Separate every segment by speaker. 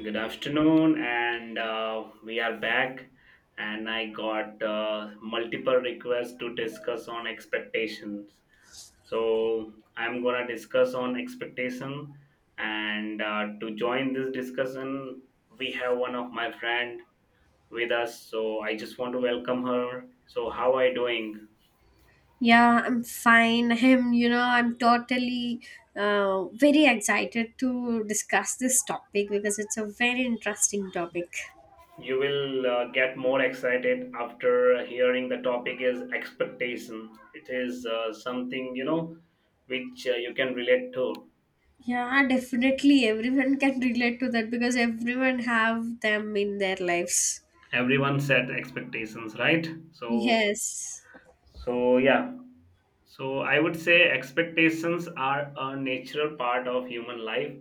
Speaker 1: Good afternoon, and we are back. And I got multiple requests to discuss on expectations. So I'm gonna discuss on expectation, and to join this discussion, we have one of my friend with us. So I just want to welcome her. So how are you doing?
Speaker 2: Yeah, I'm fine. Him, I'm totally very excited to discuss this topic because it's a very interesting topic.
Speaker 1: You will get more excited after hearing the topic is expectation. It is something, you know, which you can relate to.
Speaker 2: Yeah, definitely everyone can relate to that because everyone have them in their lives.
Speaker 1: Everyone set expectations, right? So,
Speaker 2: Yes.
Speaker 1: so yeah. So I would say expectations are a natural part of human life.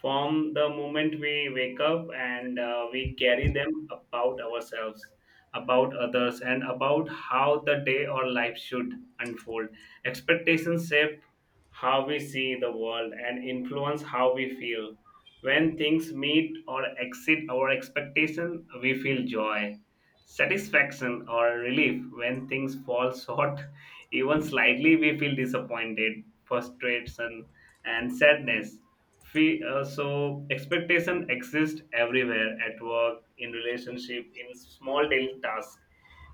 Speaker 1: From the moment we wake up and we carry them about ourselves, about others, and about how the day or life should unfold. Expectations shape how we see the world and influence how we feel. When things meet or exceed our expectation, we feel joy, satisfaction, or relief. When things fall short, even slightly, we feel disappointed, frustration, and sadness. So expectation exists everywhere at work, in relationship, in small daily tasks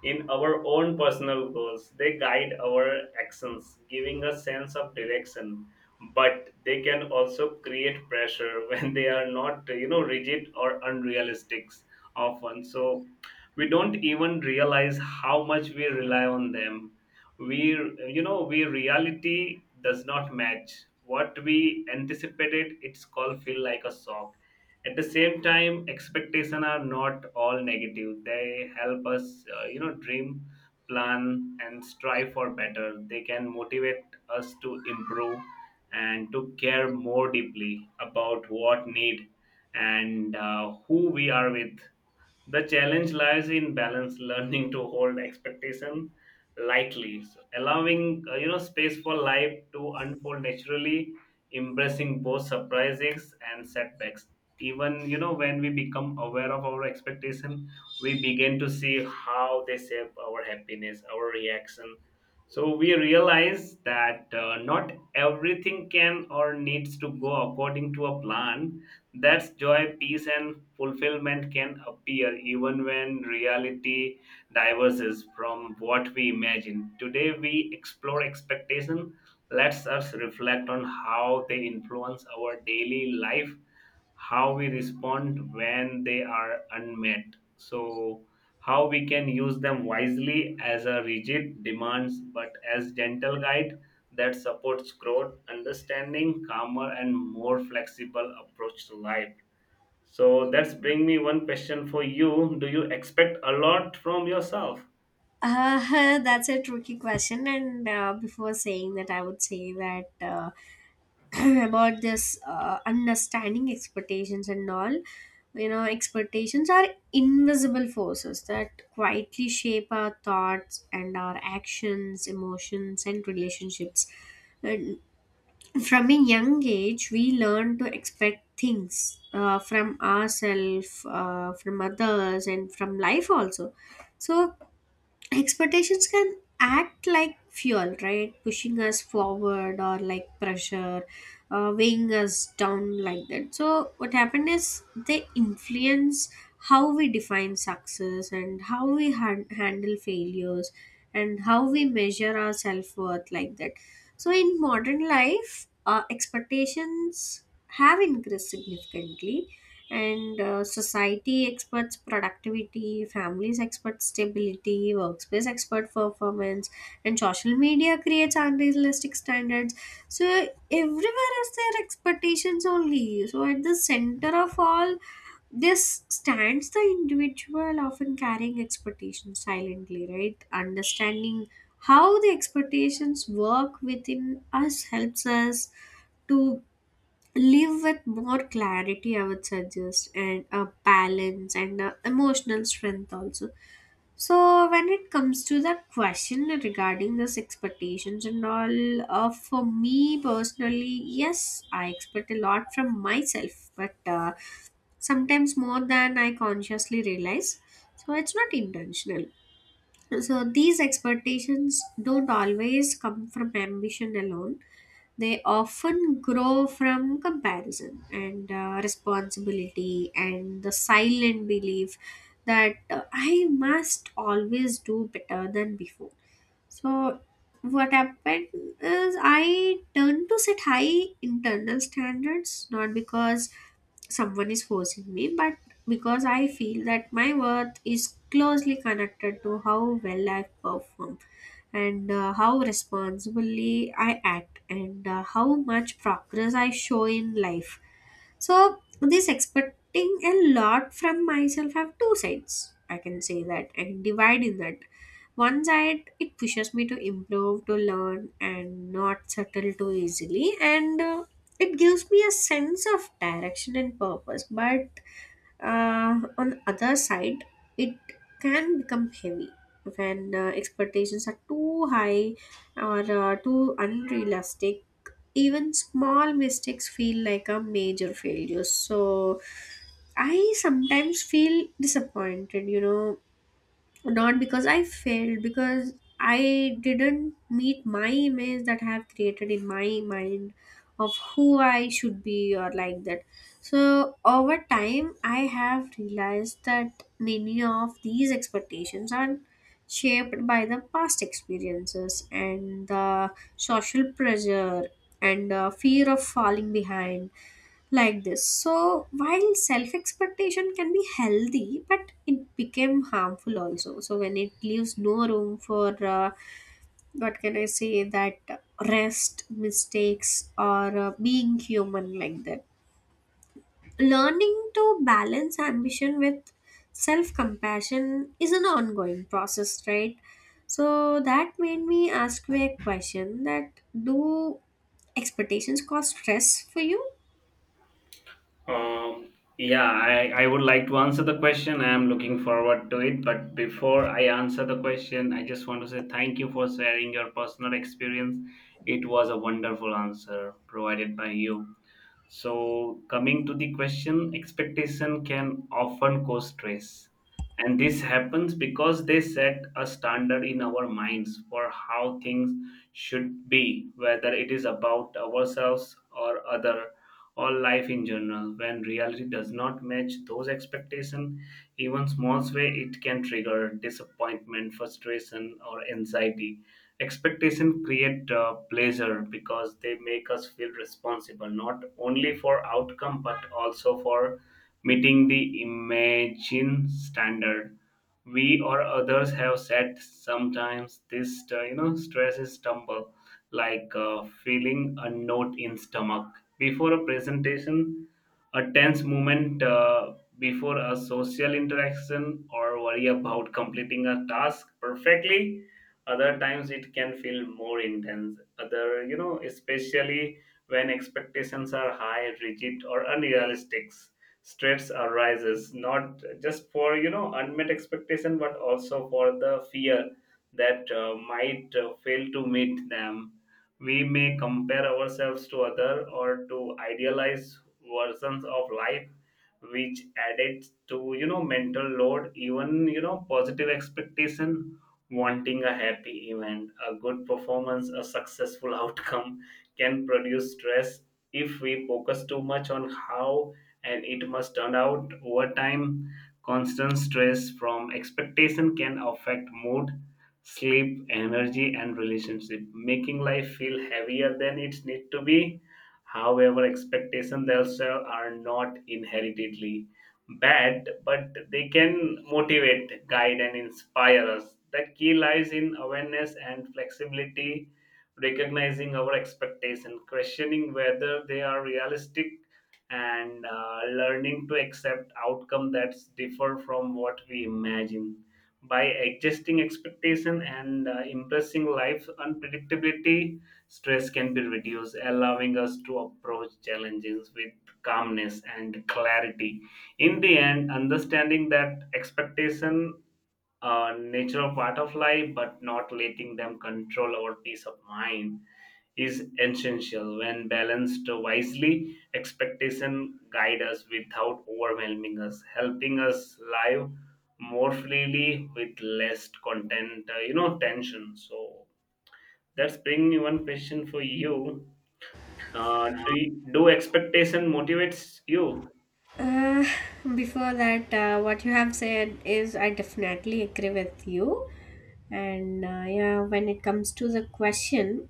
Speaker 1: in our own personal goals. They guide our actions, giving a sense of direction. But they can also create pressure when they are not, you know, rigid or unrealistic often. So we don't even realize how much we rely on them we We reality does not match what we anticipated, its called feel like a shock. At the same time, expectation are not all negative. They help us you know, dream, plan, and strive for better. They can motivate us to improve and to care more deeply about what need, and who we are with. The challenge lies in balance, learning to hold expectation lightly, so allowing you know, space for life to unfold naturally, embracing both surprises and setbacks. Even you know, when we become aware of our expectation, we begin to see how they shape our happiness, our reaction. So we realize that not everything can or needs to go according to a plan, that's joy, peace, and fulfillment can appear even when reality diverges from what we imagine. Today, we explore expectation. Let us reflect on how they influence our daily life, how we respond when they are unmet, so how we can use them wisely as a rigid demands but as gentle guide that supports growth understanding calmer and more flexible approach to life. So that's bring me one question for you. Do you expect a lot from yourself?
Speaker 2: Uh, that's a tricky question, and before saying that, I would say that. About this understanding expectations and all, you know, expectations are invisible forces that quietly shape our thoughts and our actions, emotions and relationships. And from a young age we learn to expect things from ourselves, from others and from life also. So expectations can act like fuel, right, pushing us forward or like pressure, weighing us down like that. So what happened is they influence how we define success and how we handle failures and how we measure our self-worth like that. So in modern life, expectations have increased significantly, and society experts productivity, families expert stability, workspace expert performance, and social media creates unrealistic standards. So everywhere is their expectations only. So at the center of all this stands the individual, often carrying expectations silently, right? Understanding how the expectations work within us helps us to live with more clarity, I would suggest, and a balance and a emotional strength also. So when it comes to the question regarding this expectations and all, for me personally, yes, I expect a lot from myself, but sometimes more than I consciously realize. So it's not intentional. So these expectations don't always come from ambition alone. They often grow from comparison and responsibility and the silent belief that I must always do better than before. So, what happened is I turned to set high internal standards, not because someone is forcing me, but because I feel that my worth is closely connected to how well I perform and how responsibly I act and how much progress I show in life. So, this expecting a lot from myself have two sides. I can say that and divide in that. One side, it pushes me to improve, to learn, and not settle too easily. And it gives me a sense of direction and purpose, but on the other side it can become heavy when expectations are too high or too unrealistic. Even small mistakes feel like a major failure, so I sometimes feel disappointed, you know, not because I failed, because I didn't meet my image that I have created in my mind of who I should be or like that. So over time, I have realized that many of these expectations are shaped by the past experiences and the social pressure and the fear of falling behind like this. So, while self expectation can be healthy, but it became harmful also. So, when it leaves no room for what can I say that, rest, mistakes, or being human like that. Learning to balance ambition with self compassion is an ongoing process, right? So, that made me ask you a question that do expectations cause stress for you?
Speaker 1: Um, yeah, I would like to answer the question. I am looking forward to it. But before I answer the question, I just want to say thank you for sharing your personal experience. It was a wonderful answer provided by you. So, coming to the question, expectation can often cause stress. And this happens because they set a standard in our minds for how things should be, whether it is about ourselves or other or life in general. When reality does not match those expectations, even small way it can trigger disappointment, frustration, or anxiety. Expectation create pleasure because they make us feel responsible not only for outcome but also for meeting the imagine standard we or others have set. Sometimes this you know, stress is stumble, like feeling a knot in stomach before a presentation, a tense moment before a social interaction, or worry about completing a task perfectly. Other times it can feel more intense other, you know, especially when expectations are high, rigid, or unrealistic. Stress arises not just for you know unmet expectation but also for the fear that might fail to meet them. We may compare ourselves to other or to idealized versions of life, which added to you know mental load. Even you know positive expectation, wanting a happy event, a good performance, a successful outcome, can produce stress if we focus too much on how and it must turn out over time. Constant stress from expectation can affect mood, sleep, energy, and relationship, making life feel heavier than it needs to be. However, expectations themselves are not inheritedly bad, but they can motivate, guide, and inspire us. The key lies in awareness and flexibility, recognizing our expectations, questioning whether they are realistic, and learning to accept outcomes that differ from what we imagine. By adjusting expectation and impressing life unpredictability, stress can be reduced, allowing us to approach challenges with calmness and clarity. In the end, understanding that expectation are natural part of life but not letting them control our peace of mind is essential. When balanced wisely, expectation guide us without overwhelming us, helping us live more freely with less content you know, tension. So that's bring me one question for you. Do expectation motivates you?
Speaker 2: Uh, Before that, what you have said is I definitely agree with you. And yeah, when it comes to the question,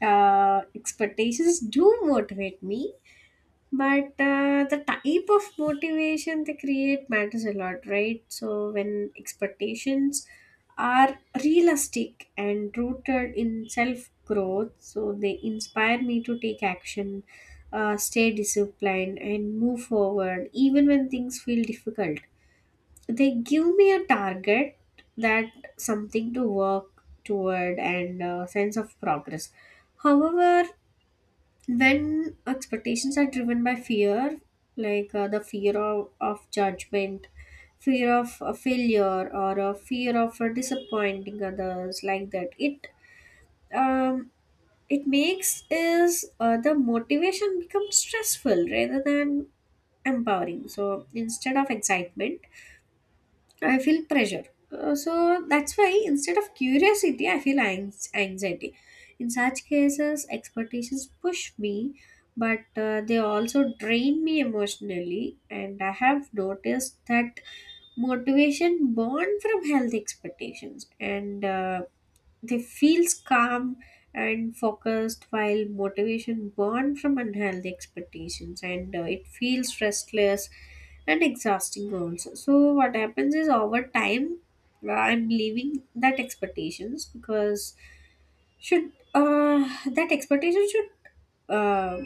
Speaker 2: expectations do motivate me, but the type of motivation they create matters a lot, right? So when expectations are realistic and rooted in self growth, so they inspire me to take action, stay disciplined and move forward even when things feel difficult. They give me a target, that something to work toward and a sense of progress. However, when expectations are driven by fear, like the fear of judgment, fear of failure or a fear of disappointing others like that, it um it makes is the motivation become stressful rather than empowering. So instead of excitement I feel pressure. So that's why instead of curiosity, I feel anxiety. In such cases, expectations push me, but they also drain me emotionally. And I have noticed that motivation born from healthy expectations and they feels calm and focused, while motivation born from unhealthy expectations and it feels restless and exhausting also. So what happens is over time I'm leaving that expectations because should that expectation should uh,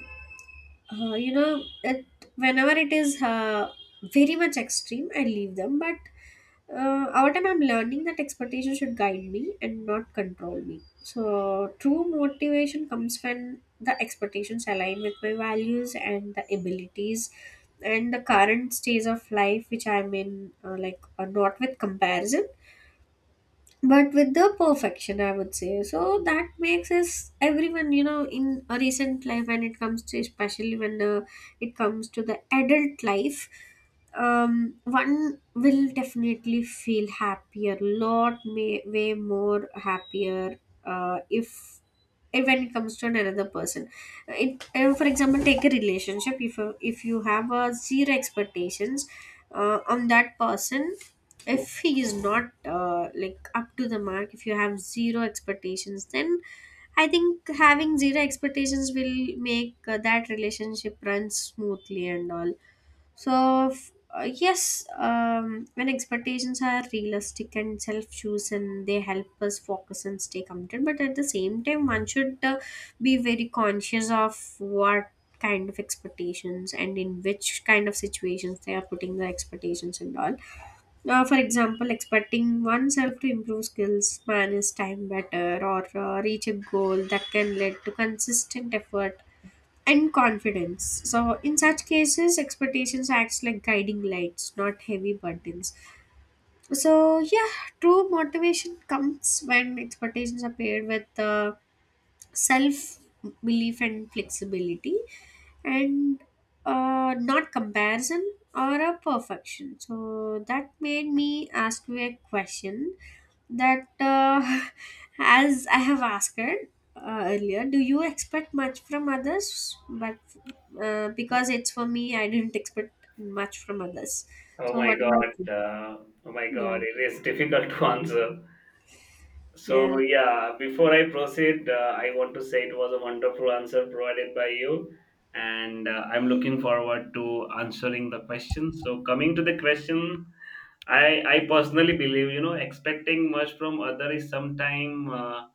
Speaker 2: you know it, whenever it is very much extreme I leave them, but over time I'm learning that expectation should guide me and not control me. So true motivation comes when the expectations align with my values and the abilities and the current stage of life which I'm in, like not with comparison but with the perfection, I would say. So that makes us everyone, you know, in a recent life, when it comes to, especially when it comes to the adult life, one will definitely feel happier, lot may way more happier if, when it comes to another person, it for example, take a relationship. If you have a zero expectations on that person, if he is not like up to the mark, if you have zero expectations, then I think having zero expectations will make that relationship run smoothly and all. So, yes, when expectations are realistic and self chosen, they help us focus and stay committed. But at the same time, one should be very conscious of what kind of expectations and in which kind of situations they are putting their expectations and all. For example, expecting oneself to improve skills, manage time better, or reach a goal that can lead to consistent effort and confidence. So, in such cases, expectations acts like guiding lights, not heavy burdens. So, yeah, true motivation comes when expectations are paired with self belief and flexibility and not comparison or a perfection. So that made me ask you a question that, as I have asked it, earlier, do you expect much from others? But because it's for me, I didn't expect much from others.
Speaker 1: Oh
Speaker 2: So
Speaker 1: my
Speaker 2: what about
Speaker 1: god.
Speaker 2: you?
Speaker 1: Oh my
Speaker 2: Yeah,
Speaker 1: god. It is difficult to answer.
Speaker 2: yeah.
Speaker 1: So, yeah, before I proceed, I want to say it was a wonderful answer provided by you. And I'm looking forward to answering the question. So, coming to the question, I personally believe, you know, expecting much from other is sometime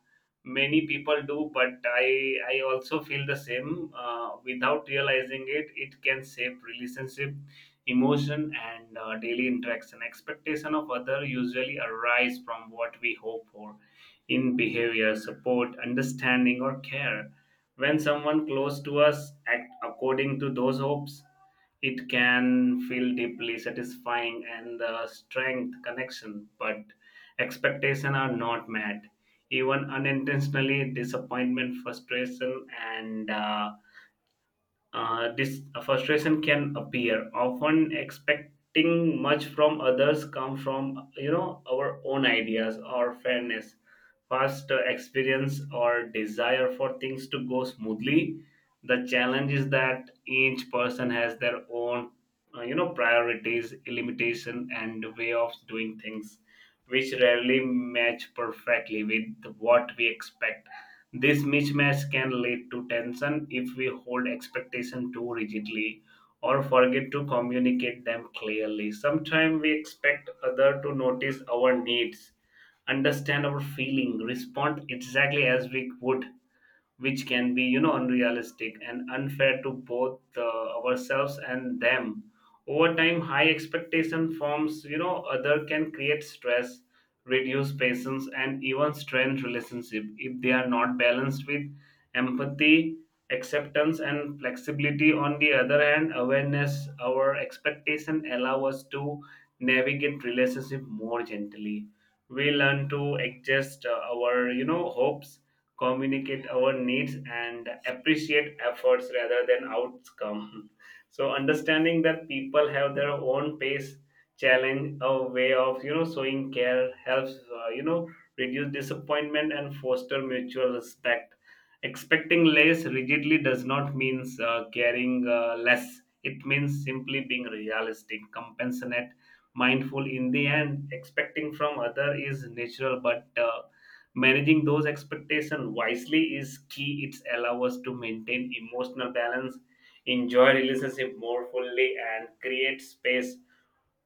Speaker 1: many people do, but I also feel the same. Without realizing it, it can shape relationship, emotion, and daily interaction. Expectation of other usually arise from what we hope for in behavior, support, understanding, or care. When someone close to us act according to those hopes, it can feel deeply satisfying and the strength connection, but expectations are not met. Even unintentionally, disappointment, frustration, and this frustration can appear. Often expecting much from others come from you know our own ideas or fairness, past experience, or desire for things to go smoothly. The challenge is that each person has their own you know, priorities, limitation, and way of doing things, which rarely match perfectly with what we expect. This mismatch can lead to tension if we hold expectations too rigidly or forget to communicate them clearly. Sometimes we expect others to notice our needs, understand our feeling, respond exactly as we would, which can be you know unrealistic and unfair to both ourselves and them. Over time, high expectation forms you know other can create stress, reduce patience, and even strain relationship if they are not balanced with empathy, acceptance, and flexibility. On the other hand, awareness our expectation allow us to navigate relationship more gently. We learn to adjust our you know hopes, communicate our needs, and appreciate efforts rather than outcome. So understanding that people have their own pace, challenge, a way of you know showing care helps you know, reduce disappointment and foster mutual respect. Expecting less rigidly does not mean caring less. It means simply being realistic, compassionate, mindful. In the end, expecting from other is natural, but managing those expectations wisely is key. It allows us to maintain emotional balance, enjoy relationship more fully, and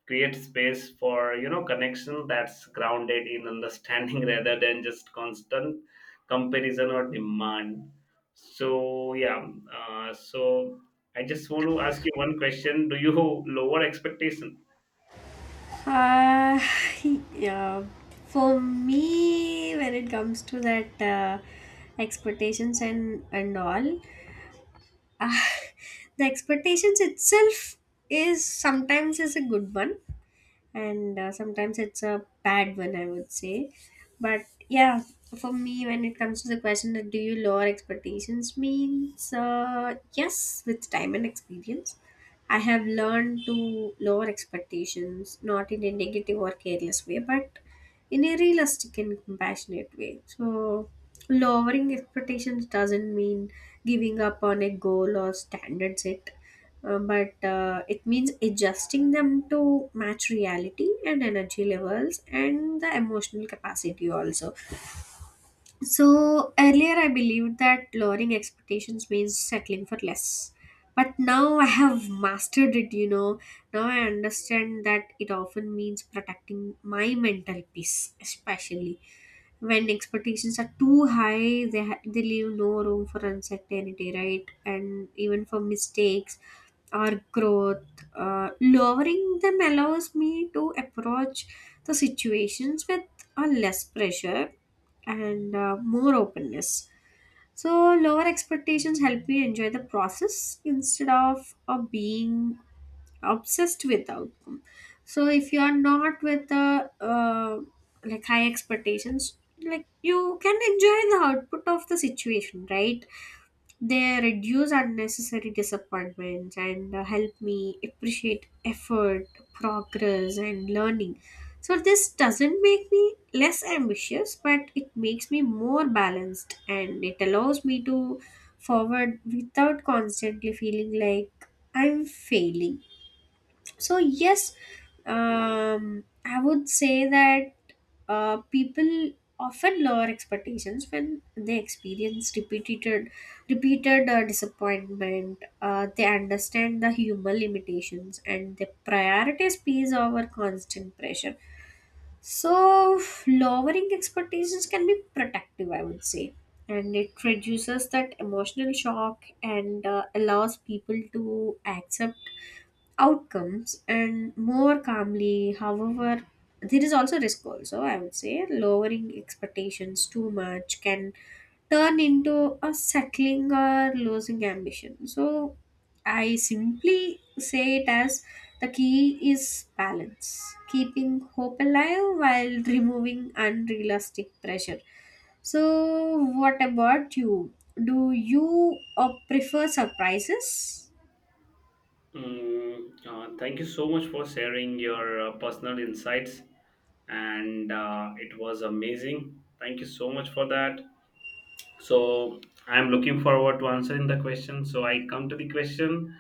Speaker 1: create space for you know connection that's grounded in understanding rather than just constant comparison or demand. So yeah, so I just want to ask you one question. Do you lower expectation?
Speaker 2: Uh, yeah. For me, when it comes to that expectations and all, Ah, the expectations itself is sometimes is a good one and sometimes it's a bad one, I would say. But yeah, for me when it comes to the question that do you lower expectations means, yes, with time and experience I have learned to lower expectations, not in a negative or careless way but in a realistic and compassionate way. So lowering expectations doesn't mean giving up on a goal or standards. It but it means adjusting them to match reality and energy levels and the emotional capacity also. So earlier I believed that lowering expectations means settling for less, but now I have mastered it, you know, now I understand that it often means protecting my mental peace, especially when expectations are too high, they they leave no room for uncertainty, right, and even for mistakes or growth. Lowering them allows me to approach the situations with a less pressure and more openness. So lower expectations help me enjoy the process instead of being obsessed with outcome. So if you are not with the like high expectations, like you can enjoy the output of the situation, right? They reduce unnecessary disappointments and help me appreciate effort, progress and learning. So this doesn't make me less ambitious, but it makes me more balanced and it allows me to forward without constantly feeling like I'm failing. So yes, I would say that people often lower expectations when they experience repeated disappointment. They understand the human limitations and they prioritize peace over constant pressure. So lowering expectations can be protective, I would say. And it reduces that emotional shock and allows people to accept outcomes and more calmly. However, there is also risk also, I would say. Lowering expectations too much can turn into a settling or losing ambition. So I simply say it as the key is balance, keeping hope alive while removing unrealistic pressure. So what about you, do you prefer surprises?
Speaker 1: Mm, thank you so much for sharing your personal insights, and it was amazing. Thank you so much for that. So I'm looking forward to answering the question. So I come to the question.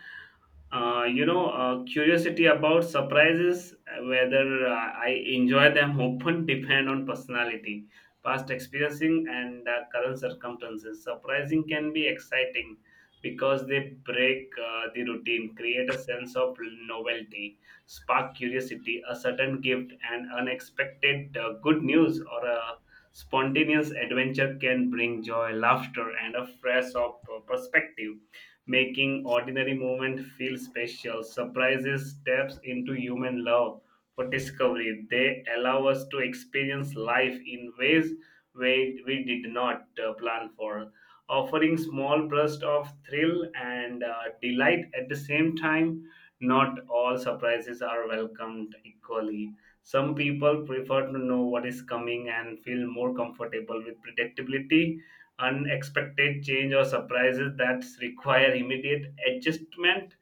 Speaker 1: You know, curiosity about surprises, whether I enjoy them, often depend on personality, past experiencing, and current circumstances. Surprising can be exciting because they break the routine, create a sense of novelty, spark curiosity, a certain gift, and unexpected good news or a spontaneous adventure can bring joy, laughter, and a fresh of perspective, making ordinary moment feel special. Surprises steps into human love for discovery. They allow us to experience life in ways we did not plan for, offering small bursts of thrill and delight at the same time. Not all surprises are welcomed equally. Some people prefer to know what is coming and feel more comfortable with predictability. Unexpected change or surprises that require immediate adjustment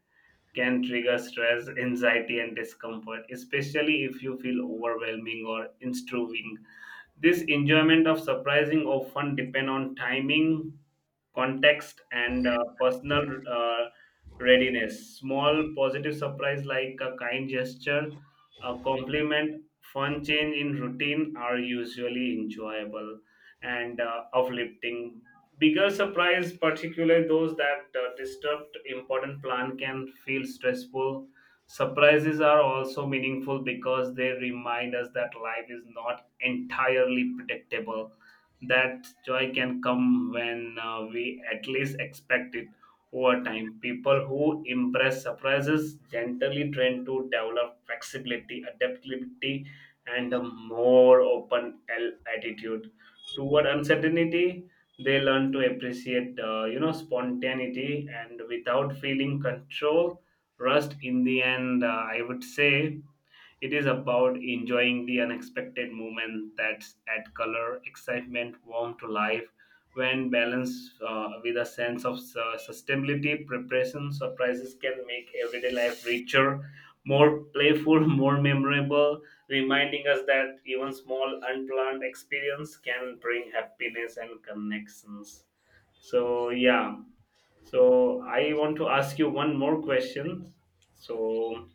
Speaker 1: can trigger stress, anxiety, and discomfort, especially if you feel overwhelming or intruding. This enjoyment of surprising often depend on timing, context, and personal uh, readiness. Small positive surprise like a kind gesture, a compliment, fun change in routine are usually enjoyable and uplifting. Bigger surprise, particularly those that disturb important plan, can feel stressful. Surprises are also meaningful because they remind us that life is not entirely predictable, that joy can come when we at least expect it. Over time, people who embrace surprises gently tend to develop flexibility, adaptability, and a more open attitude toward uncertainty. They learn to appreciate, you know, spontaneity and without feeling control, rust. In the end, I would say it is about enjoying the unexpected moment that's add color, excitement, warmth to life. When balanced with a sense of sustainability, preparation surprises can make everyday life richer, more playful, more memorable, reminding us that even small unplanned experience can bring happiness and connections. So yeah, so I want to ask you one more question. So,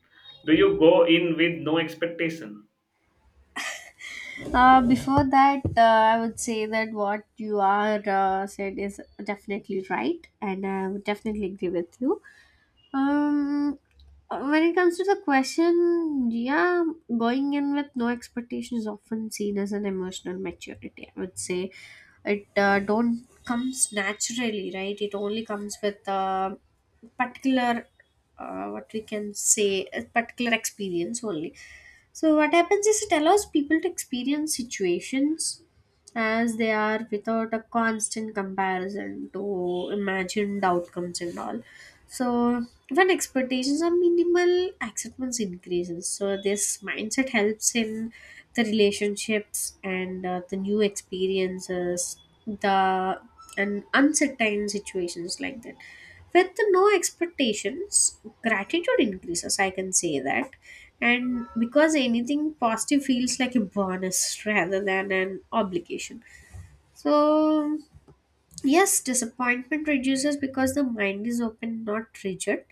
Speaker 1: do you go in with no expectation?
Speaker 2: Before that, I would say that what you are said is definitely right, and I would definitely agree with you. Um, when it comes to the question, yeah, going in with no expectation is often seen as an emotional maturity. I would say it don't comes naturally, right? It only comes with particular what we can say a particular experience only. So, what happens is it allows people to experience situations as they are without a constant comparison to imagined outcomes and all. So, when expectations are minimal, acceptance increases. So, this mindset helps in the relationships and the new experiences, the and uncertain situations like that. With no expectations gratitude increases, I can say that, and because anything positive feels like a bonus rather than an obligation. So yes, disappointment reduces because the mind is open, not rigid.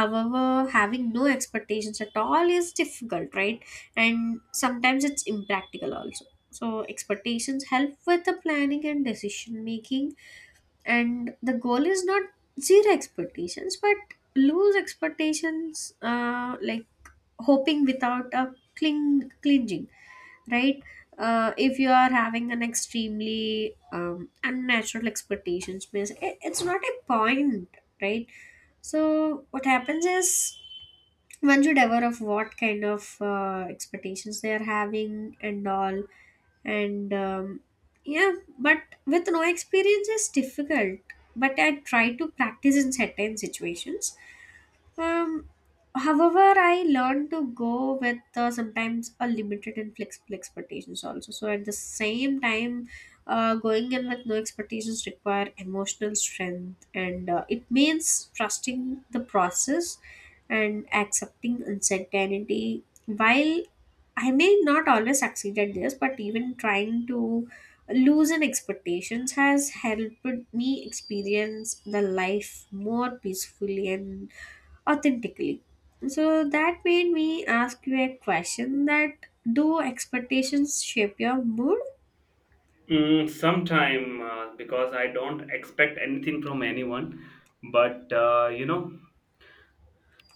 Speaker 2: However, having no expectations at all is difficult, right, and sometimes it's impractical also. So expectations help with the planning and decision making, and the goal is not zero expectations but lose expectations, like hoping without a clinging, right? If you are having an extremely unnatural expectations means, it's not a point, right? So what happens is one should aware of what kind of expectations they are having and all. And yeah, but with no experience is difficult, but I try to practice in certain situations. um, However, I learned to go with sometimes a limited and flexible expectations also. So at the same time, going in with no expectations require emotional strength, and it means trusting the process and accepting uncertainty. While I may not always succeed at this, but even trying to loosen expectations has helped me experience the life more peacefully and authentically. So that made me ask you a question that do expectations shape your mood?
Speaker 1: Mm, sometime because I don't expect anything from anyone, but you know,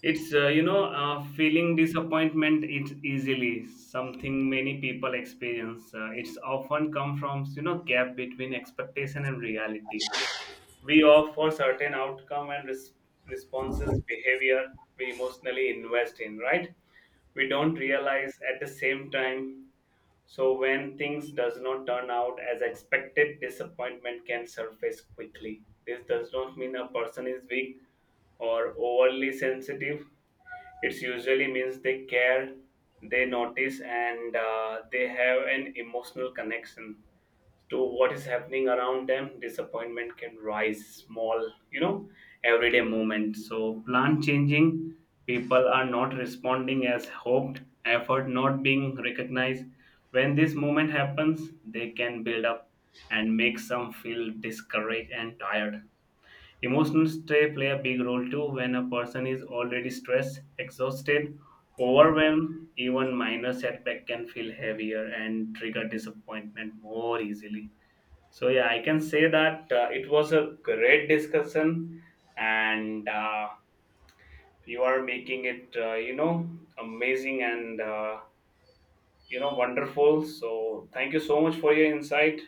Speaker 1: it's you know, feeling disappointment is easily something many people experience. It's often come from you know gap between expectation and reality. We opt for certain outcome and responses behavior we emotionally invest in, right? We don't realize at the same time. So when things does not turn out as expected, disappointment can surface quickly. This does not mean a person is weak or overly sensitive. It's usually means they care, they notice, and they have an emotional connection to what is happening around them. Disappointment can rise, small, you know, everyday moment. So plan changing, people are not responding as hoped, effort not being recognized. When this moment happens, they can build up and make some feel discouraged and tired. Emotions they play a big role too when a person is already stressed, exhausted, overwhelmed. Even minor setback can feel heavier and trigger disappointment more easily. So yeah, I can say that it was a great discussion, and you are making it you know, amazing and you know, wonderful. So thank you so much for your insight,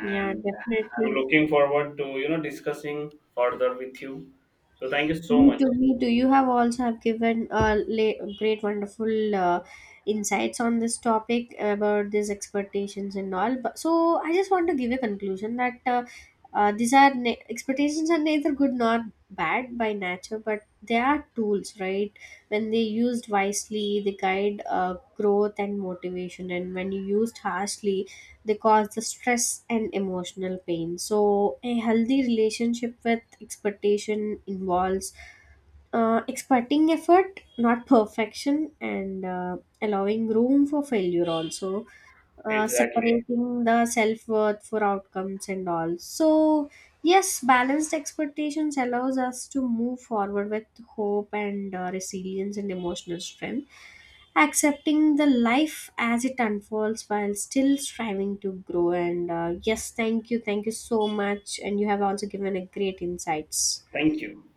Speaker 2: Yeah,
Speaker 1: I'm
Speaker 2: definitely.
Speaker 1: looking forward to you know discussing further with you. So thank you so
Speaker 2: Me
Speaker 1: much.
Speaker 2: too, me too. You have also have given great, wonderful insights on this topic about these expectations and all. But so I just want to give a conclusion that these are expectations are neither good nor bad by nature, but they are tools, right? When they used wisely, they guide growth and motivation, and when you used harshly, they cause the stress and emotional pain. So a healthy relationship with expectation involves expecting effort, not perfection, and allowing room for failure also,
Speaker 1: Exactly.
Speaker 2: separating the self-worth for outcomes and all. So yes, balanced expectations allows us to move forward with hope and resilience and emotional strength, accepting the life as it unfolds while still striving to grow. And yes, thank you, thank you so much, and you have also given a great insights.
Speaker 1: Thank you.